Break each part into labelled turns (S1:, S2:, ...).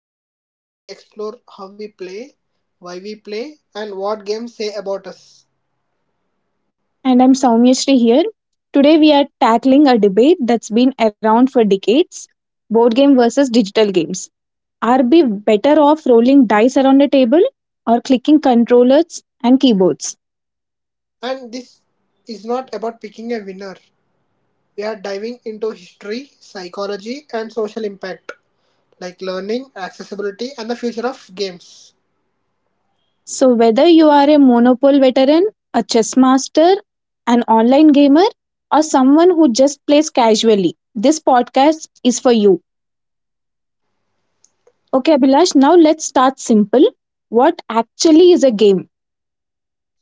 S1: podcast where we explore how we play, why we play, and what games say about us.
S2: And I'm Soumyashri here. Today we are tackling a debate that's been around for decades, board game versus digital games. Are we better off rolling dice around a table or clicking controllers and keyboards?
S1: And this is not about picking a winner. We are diving into history, psychology, and social impact, like learning, accessibility, and the future of games.
S2: So, whether you are a Monopoly veteran, a chess master, an online gamer, or someone who just plays casually, this podcast is for you. Okay, Abhilash, now let's start simple. What actually is a game?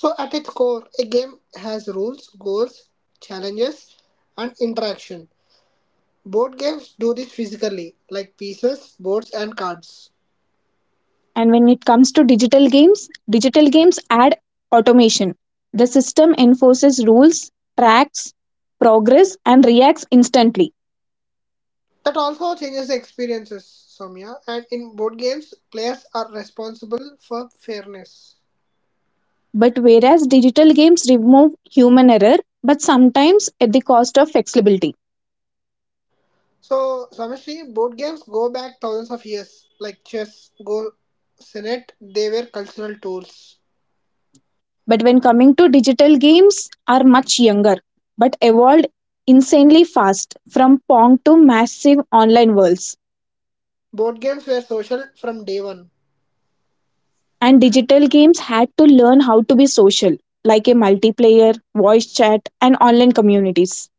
S1: So, at its core, a game has rules, goals, challenges, and interaction. Board games do this physically, like pieces, boards, and cards.
S2: And when it comes to digital games add automation. The system enforces rules, tracks progress, and reacts instantly.
S1: That also changes the experiences, Soumya. And in board games, players are responsible for fairness.
S2: But whereas digital games remove human error, but sometimes at the cost of flexibility.
S1: So, Swamishri, board games go back thousands of years. Like chess, go, senet, they were cultural tools.
S2: But when coming to digital games, are much younger, but evolved insanely fast from Pong to massive online worlds.
S1: Board games were social from day one.
S2: And digital games had to learn how to be social, like a multiplayer, voice chat, and online communities.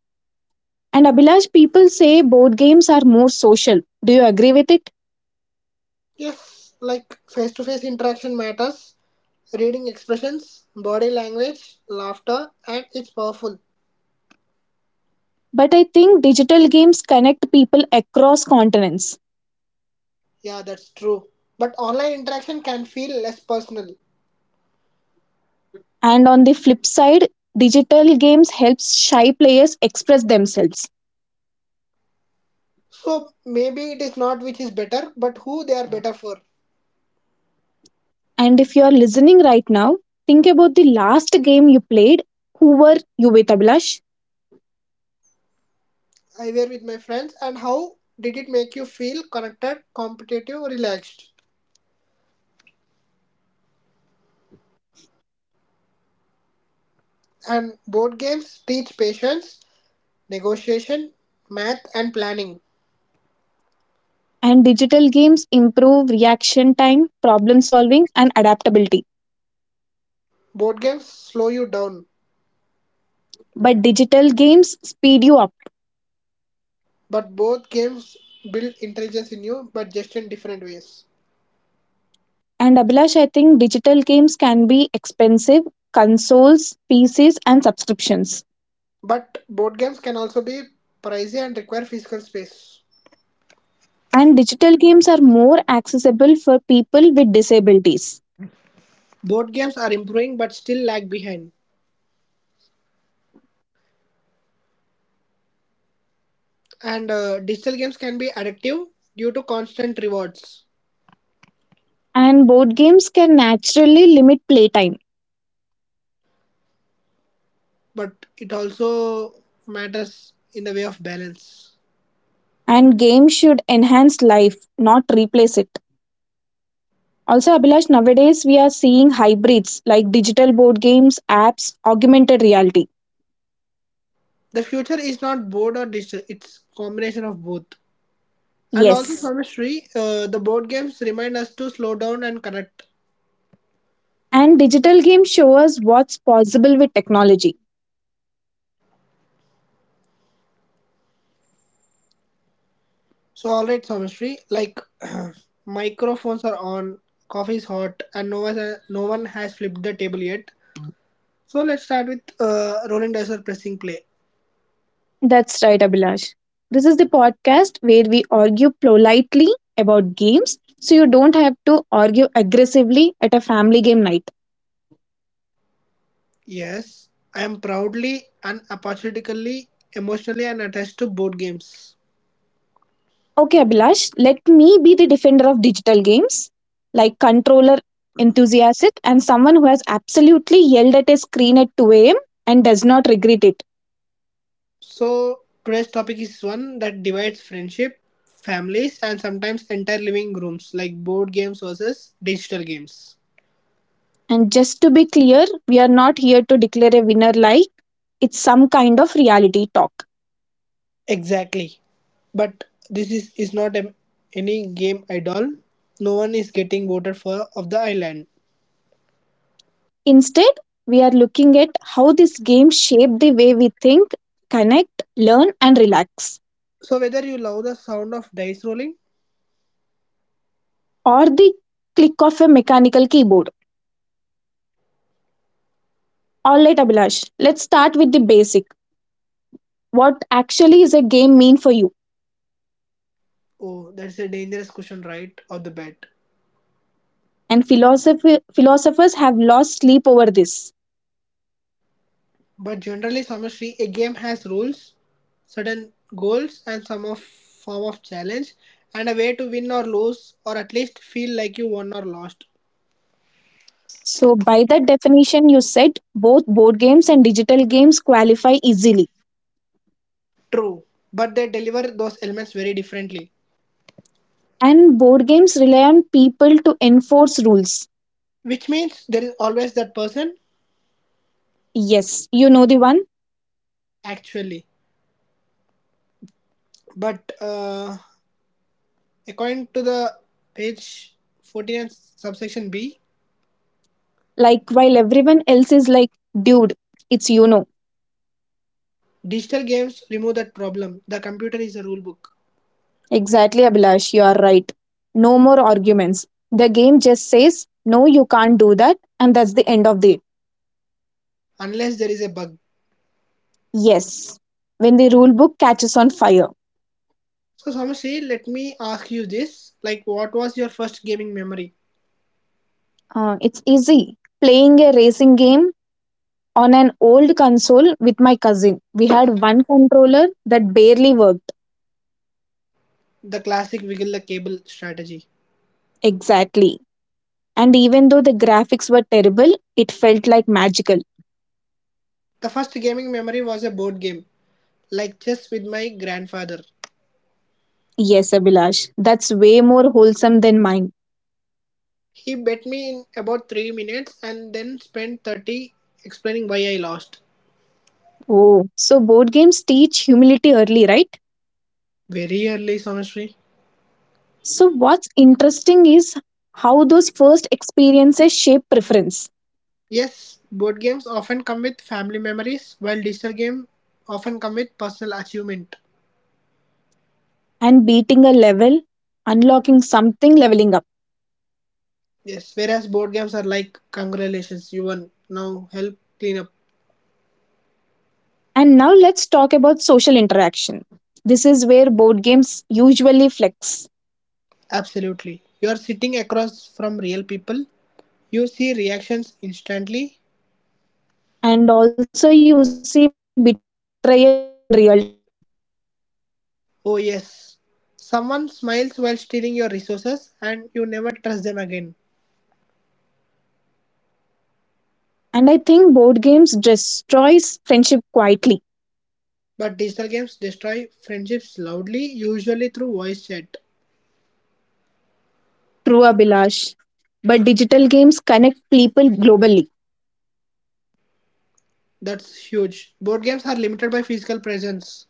S2: And Abhilash, people say board games are more social. Do you agree with it?
S1: Yes, like face to face interaction matters, reading expressions, body language, laughter, and it's powerful.
S2: But I think digital games connect people across continents.
S1: Yeah, that's true. But online interaction can feel less personal.
S2: And on the flip side, digital games helps shy players express themselves.
S1: So maybe it is not which is better, but who they are better for.
S2: And if you are listening right now, think about the last game you played. Who were you with, Abhilash?
S1: I were with my friends and how did it make you feel connected, competitive, relaxed? And board games teach patience, negotiation, math and planning.
S2: And digital games improve reaction time, problem solving, and adaptability.
S1: Board games slow you down,
S2: But digital games speed you up.
S1: but both games build intelligence in you but just in different ways.
S2: And Abhilash, I think digital games can be expensive, consoles, PCs, and subscriptions.
S1: But board games can also be pricey and require physical space.
S2: And digital games are more accessible for people with disabilities.
S1: Board games are improving but still lag behind. And digital games can be addictive due to constant rewards,
S2: And board games can naturally limit playtime.
S1: but it also matters in the way of balance.
S2: And games should enhance life, not replace it. Also, Abhilash, nowadays we are seeing hybrids like digital board games, apps, augmented reality.
S1: The future is not board or digital; it's combination of both. And also,
S2: Yes.
S1: Someshri, the board games remind us to slow down and connect.
S2: And digital games show us what's possible with technology.
S1: So, all right, Someshri, like microphones are on, coffee is hot, and no one has flipped the table yet. So let's start with rolling dice or pressing play.
S2: That's right, Abhilash. This is the podcast where we argue politely about games so you don't have to argue aggressively at a family game night.
S1: Yes, I am proudly and apologetically, emotionally, and attached to board games.
S2: Okay, Abhilash, let me be the defender of digital games, like controller enthusiast and someone who has absolutely yelled at a screen at 2 a.m. and does not regret it.
S1: So, today's topic is one that divides friendship, families, and sometimes entire living rooms like board games versus digital games.
S2: And just to be clear, we are not here to declare a winner like it's some kind of reality talk.
S1: Exactly. But this is not any game at all. No one is getting voted for of the island.
S2: Instead, we are looking at how this game shaped the way we think, connect, learn, and relax,
S1: So whether you love the sound of dice rolling,
S2: or the click of a mechanical keyboard. Alright, Abhilash, let's start with the basic. What actually is a game mean for you?
S1: oh, that's a dangerous question, right? Of the bat.
S2: And philosophy, philosophers have lost sleep over this.
S1: But generally, Samashri, a game has rules, certain goals, and some of form of challenge, and a way to win or lose, or at least feel like you won or lost.
S2: So, by that definition, you said both board games and digital games qualify easily.
S1: True, but they deliver those elements very differently,
S2: And board games rely on people to enforce rules.
S1: which means there is always that person
S2: Yes, you know the one.
S1: actually. But according to the page 14 and subsection B,
S2: Like, while everyone else is like, dude, it's you know.
S1: digital games remove that problem. The computer is a rule book,
S2: Exactly, Abhilash, you are right. No more arguments. The game just says, no, you can't do that, and that's the end of it.
S1: unless there is a bug.
S2: Yes. When the rule book catches on fire,
S1: So Samashri, let me ask you this. Like what was your first gaming memory?
S2: it's easy. Playing a racing game on an old console with my cousin. We had one controller that barely worked.
S1: The classic wiggle the cable strategy.
S2: Exactly. And even though the graphics were terrible, it felt like magical.
S1: The first gaming memory was a board game, like chess with my grandfather.
S2: Yes, Abhilash, that's way more wholesome than mine.
S1: He bet me in about 3 minutes and then spent 30 explaining why I lost.
S2: Oh, so board games teach humility early, right?
S1: Very early, Samashri.
S2: So, what's interesting is how those first experiences shape preference
S1: Yes, board games often come with family memories, while digital games often come with personal achievement.
S2: and beating a level, unlocking something, leveling up.
S1: Yes, whereas board games are like, congratulations, you won. Now help clean up.
S2: And now, let's talk about social interaction. This is where board games usually flex,
S1: Absolutely. You are sitting across from real people. You see reactions instantly.
S2: and also you see betrayal in real time.
S1: Oh, yes. Someone smiles while stealing your resources and you never trust them again.
S2: And I think board games destroys friendship quietly.
S1: But digital games destroy friendships loudly, usually through voice chat.
S2: True, Abhilash. But digital games connect people globally.
S1: That's huge. Board games are limited by physical presence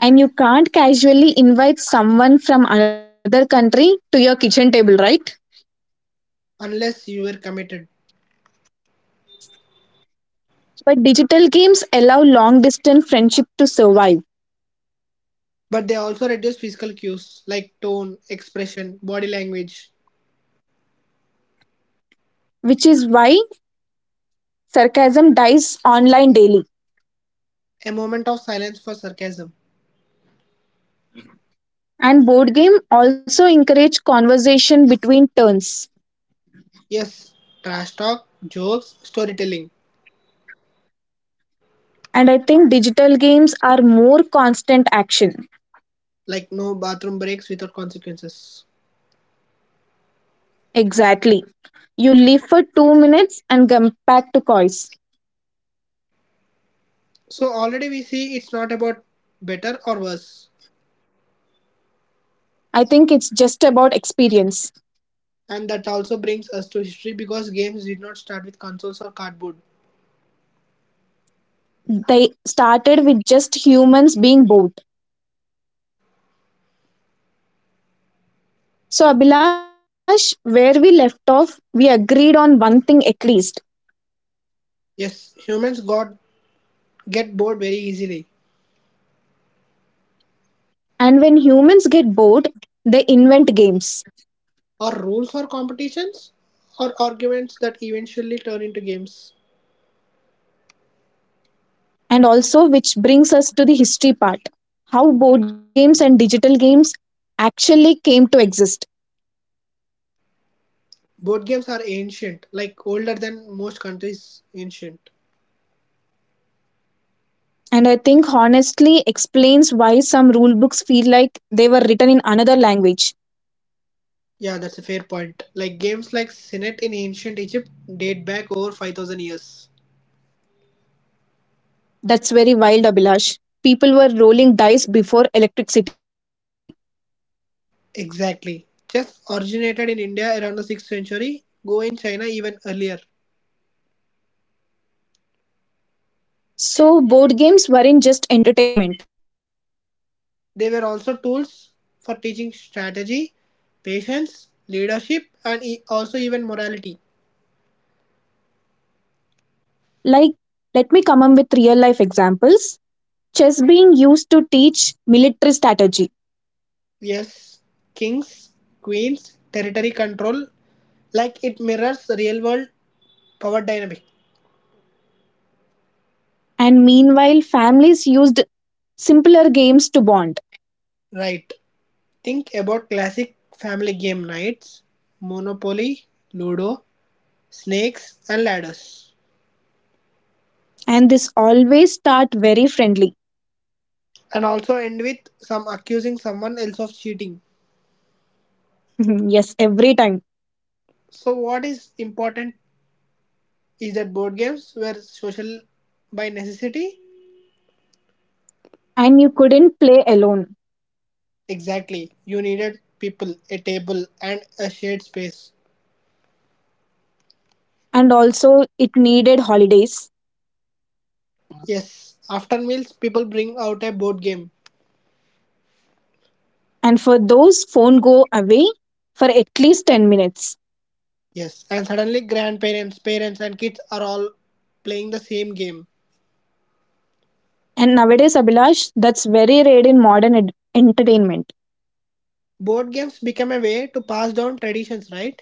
S2: And you can't casually invite someone from another country to your kitchen table, right?
S1: unless you are committed.
S2: But digital games allow long distance friendship to survive,
S1: But they also reduce physical cues like tone, expression, body language,
S2: which is why sarcasm dies online daily.
S1: a moment of silence for sarcasm.
S2: And board game also encourage conversation between turns.
S1: Yes, trash talk, jokes, storytelling.
S2: And I think digital games are more constant action.
S1: Like no bathroom breaks without consequences.
S2: Exactly. You leave for 2 minutes and come back to coins.
S1: So already we see it's not about better or worse.
S2: I think it's just about experience.
S1: And that also brings us to history because games did not start with consoles or cardboard.
S2: They started with just humans being bored. So, Abhilash, where we left off, we agreed on one thing at least.
S1: Yes, humans got get bored very easily.
S2: And when humans get bored, they invent games.
S1: Or rules for competitions or arguments that eventually turn into games.
S2: And also, which brings us to the history part, how board games and digital games actually came to exist.
S1: Board games are ancient, like older than most countries ancient.
S2: And I think honestly explains why some rule books feel like they were written in another language.
S1: Yeah, that's a fair point. Like games like Senate in ancient Egypt date back over 5,000 years.
S2: That's very wild, Abhilash. People were rolling dice before electricity.
S1: Exactly. Chess originated in India around the 6th century, Go in China even earlier.
S2: So, board games weren't just entertainment.
S1: They were also tools for teaching strategy, patience, leadership, and also even morality.
S2: Like, let me come up with real life examples. Chess being used to teach military strategy,
S1: Yes, kings, queens, territory control, like it mirrors real world power dynamic.
S2: and meanwhile, families used simpler games to bond.
S1: Right. Think about classic family game nights, Monopoly, Ludo, Snakes, and Ladders.
S2: And this always start very friendly.
S1: And also end with some accusing someone else of cheating.
S2: Yes, every time.
S1: So what is important is that board games were social by necessity.
S2: And you couldn't play alone.
S1: Exactly. You needed people, a table and a shared space.
S2: And also, it needed holidays.
S1: Yes. After meals people bring out a board game.
S2: And for those, phone go away for at least 10 minutes.
S1: Yes. And suddenly grandparents, parents and kids are all playing the same game.
S2: And nowadays, Abhilash, that's very rare in modern entertainment,
S1: Board games become a way to pass down traditions, right?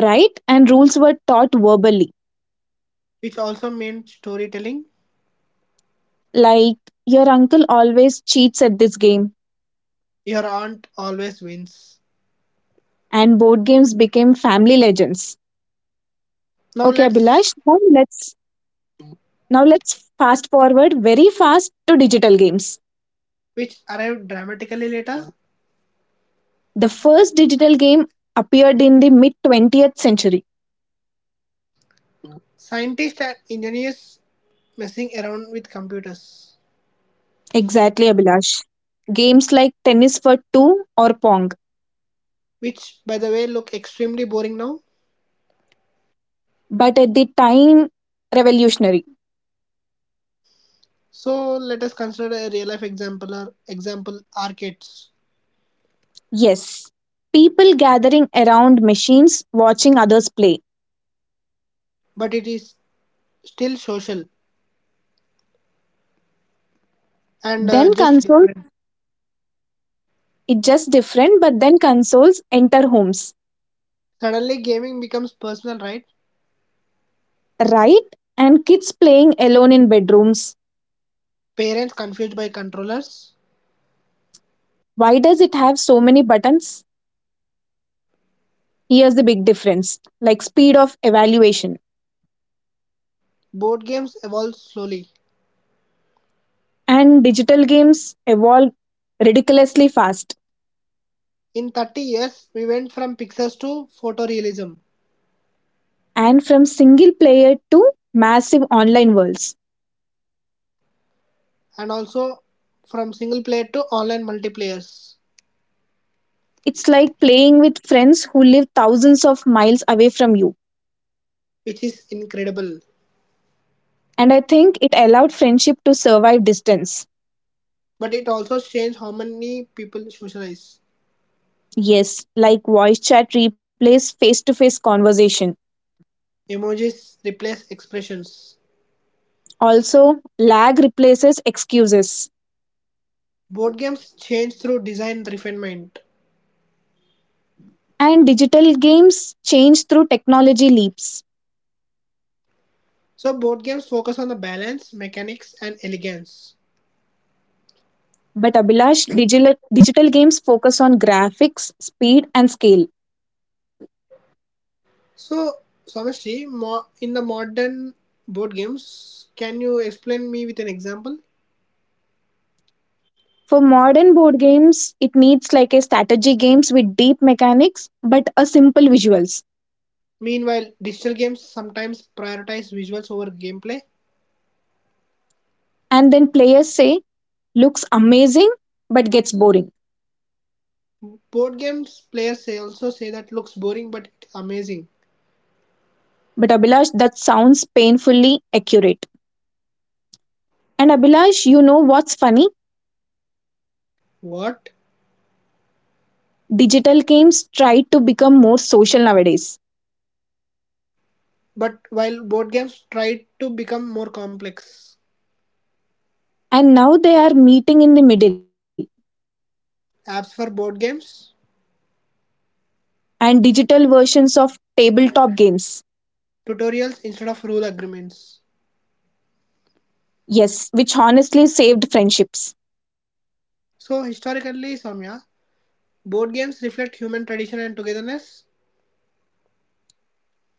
S2: right? And rules were taught verbally.
S1: Which also meant storytelling.
S2: Like, your uncle always cheats at this game,
S1: Your aunt always wins.
S2: and board games became family legends.
S1: Now
S2: Okay,
S1: let's
S2: Abhilash, now let's fast forward very fast to digital games.
S1: which arrived dramatically later.
S2: The first digital game appeared in the mid 20th century.
S1: Scientists and engineers messing around with computers,
S2: Exactly, Abhilash. Games like tennis for two or pong,
S1: which, by the way, look extremely boring now.
S2: but at the time revolutionary.
S1: So let us consider a real life example or example arcades,
S2: Yes. People gathering around machines watching others play.
S1: but it is still social and
S2: Then
S1: just
S2: consoles.
S1: different.
S2: It's just different, but then consoles enter homes,
S1: Suddenly, gaming becomes personal, right?
S2: right? And kids playing alone in bedrooms.
S1: Parents confused by controllers.
S2: Why does it have so many buttons? Here's the big difference like speed of evaluation.
S1: Board games evolve slowly.
S2: And digital games evolve ridiculously fast.
S1: In 30 years, we went from pixels to photorealism
S2: And from single player to massive online worlds.
S1: and also from single player to online multiplayers,
S2: It's like playing with friends who live thousands of miles away from you.
S1: which is incredible.
S2: And I think it allowed friendship to survive distance.
S1: But it also changed how many people socialize.
S2: Yes, like voice chat replaces face to face conversation.
S1: Emojis replace expressions.
S2: Also, lag replaces excuses.
S1: Board games change through design refinement.
S2: And digital games change through technology leaps.
S1: So board games focus on the balance, mechanics, and elegance.
S2: But Abhilash, digital games focus on graphics, speed, and scale.
S1: So Samashri, in the modern board games, can you explain me with an example?
S2: For modern board games, it needs like a strategy games with deep mechanics but a simple visuals.
S1: Meanwhile, digital games sometimes prioritize visuals over gameplay.
S2: And then players say, looks amazing but gets boring.
S1: Board games players say also say that looks boring but it's amazing.
S2: But Abhilash, that sounds painfully accurate. And Abhilash, you know what's funny?
S1: What?
S2: Digital games try to become more social nowadays.
S1: But while board games tried to become more complex,
S2: And now they are meeting in the middle
S1: apps for board games,
S2: and digital versions of tabletop games.
S1: tutorials instead of rule agreements.
S2: Yes, which honestly saved friendships.
S1: So historically, Samya, board games reflect human tradition and togetherness,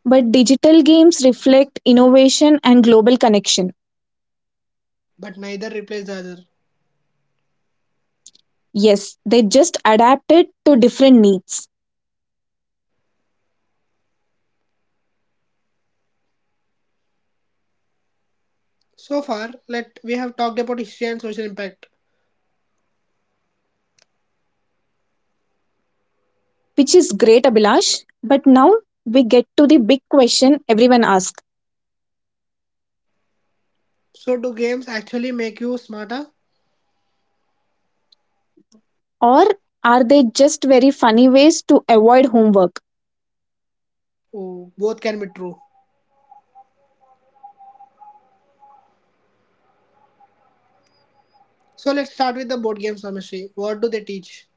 S2: But digital games reflect innovation and global connection.
S1: but neither replace the other.
S2: Yes, they just adapted to different needs,
S1: So far, let we have talked about history and social impact.
S2: which is great, Abhilash. But now we get to the big question everyone asks,
S1: So do games actually make you smarter?
S2: or are they just very funny ways to avoid homework?
S1: Oh, both can be true. So let's start with the board games, Samishri. What do they teach?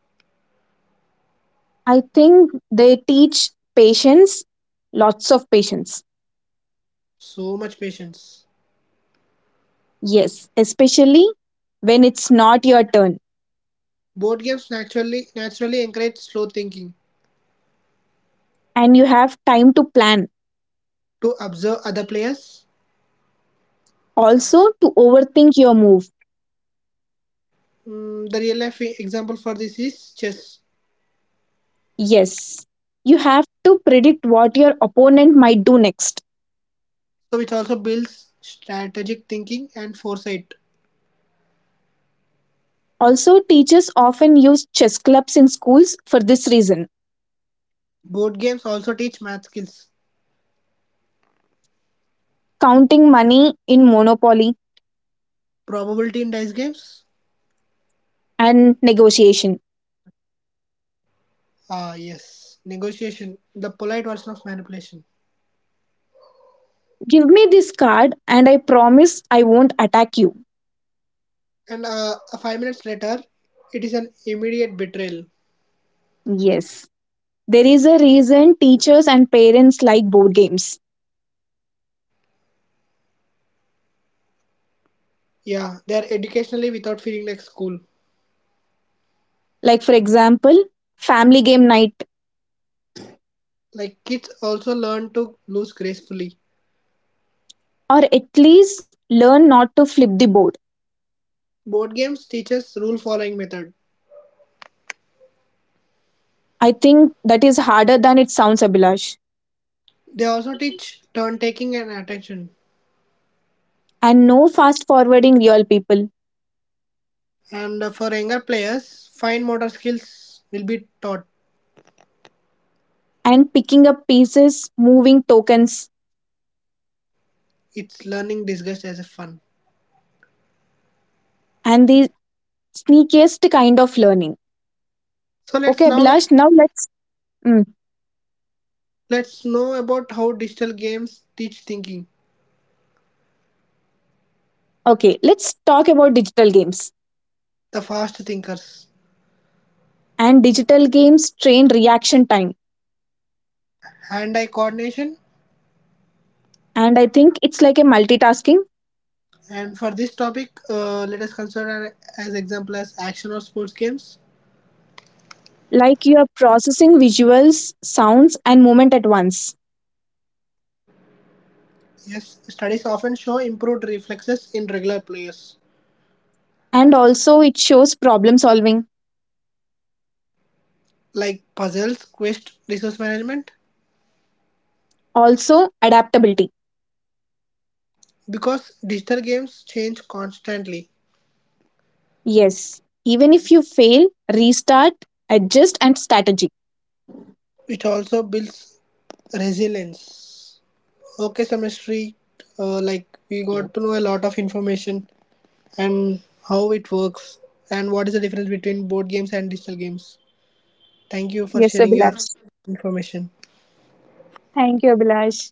S2: I think they teach patience, lots of patience.
S1: So much patience.
S2: Yes, especially when it's not your turn
S1: Board games naturally encourage slow thinking
S2: and you have time to plan,
S1: to observe other players.
S2: also to overthink your move.
S1: Mm, the real life example for this is chess,
S2: Yes, you have to predict what your opponent might do next.
S1: so which also builds strategic thinking and foresight.
S2: Also, teachers often use chess clubs in schools for this reason,
S1: Board games also teach math skills.
S2: counting money in Monopoly
S1: Probability in dice games?
S2: and negotiation.
S1: Ah, yes. Negotiation, the polite version of manipulation.
S2: Give me this card and I promise I won't attack you.
S1: And 5 minutes later, it is an immediate betrayal.
S2: Yes, there is a reason teachers and parents like board games.
S1: Yeah, they are educationally without feeling like school.
S2: Like, for example, family game night,
S1: Like kids also learn to lose gracefully.
S2: or at least learn not to flip the board.
S1: Board games teaches rule following method.
S2: I think that is harder than it sounds, Abhilash.
S1: They also teach turn taking and attention.
S2: And no fast forwarding real people,
S1: And for younger players, fine motor skills will be taught.
S2: and picking up pieces, moving tokens,
S1: It's learning disguised as a fun.
S2: and the sneakiest kind of learning.
S1: So let's
S2: Okay,
S1: now
S2: Abhilash, now let's. Mm,
S1: let's know about how digital games teach thinking.
S2: okay, let's talk about digital games.
S1: The fast thinkers,
S2: And digital games train reaction time.
S1: hand-eye coordination,
S2: And I think it's like a multitasking,
S1: and for this topic, let us consider as example as action or sports games.
S2: like you are processing visuals, sounds, and movement at once.
S1: Yes, studies often show improved reflexes in regular players,
S2: And also it shows problem solving,
S1: like puzzles, quest, resource management,
S2: also adaptability,
S1: because digital games change constantly.
S2: yes, even if you fail, restart, adjust and strategy.
S1: It also builds resilience. Okay, Samashri, like we got to know a lot of information and how it works and what is the difference between board games and digital games. Thank you for
S2: Yes,
S1: sharing your
S2: Abhilash.
S1: information.
S2: Thank you, Abhilash.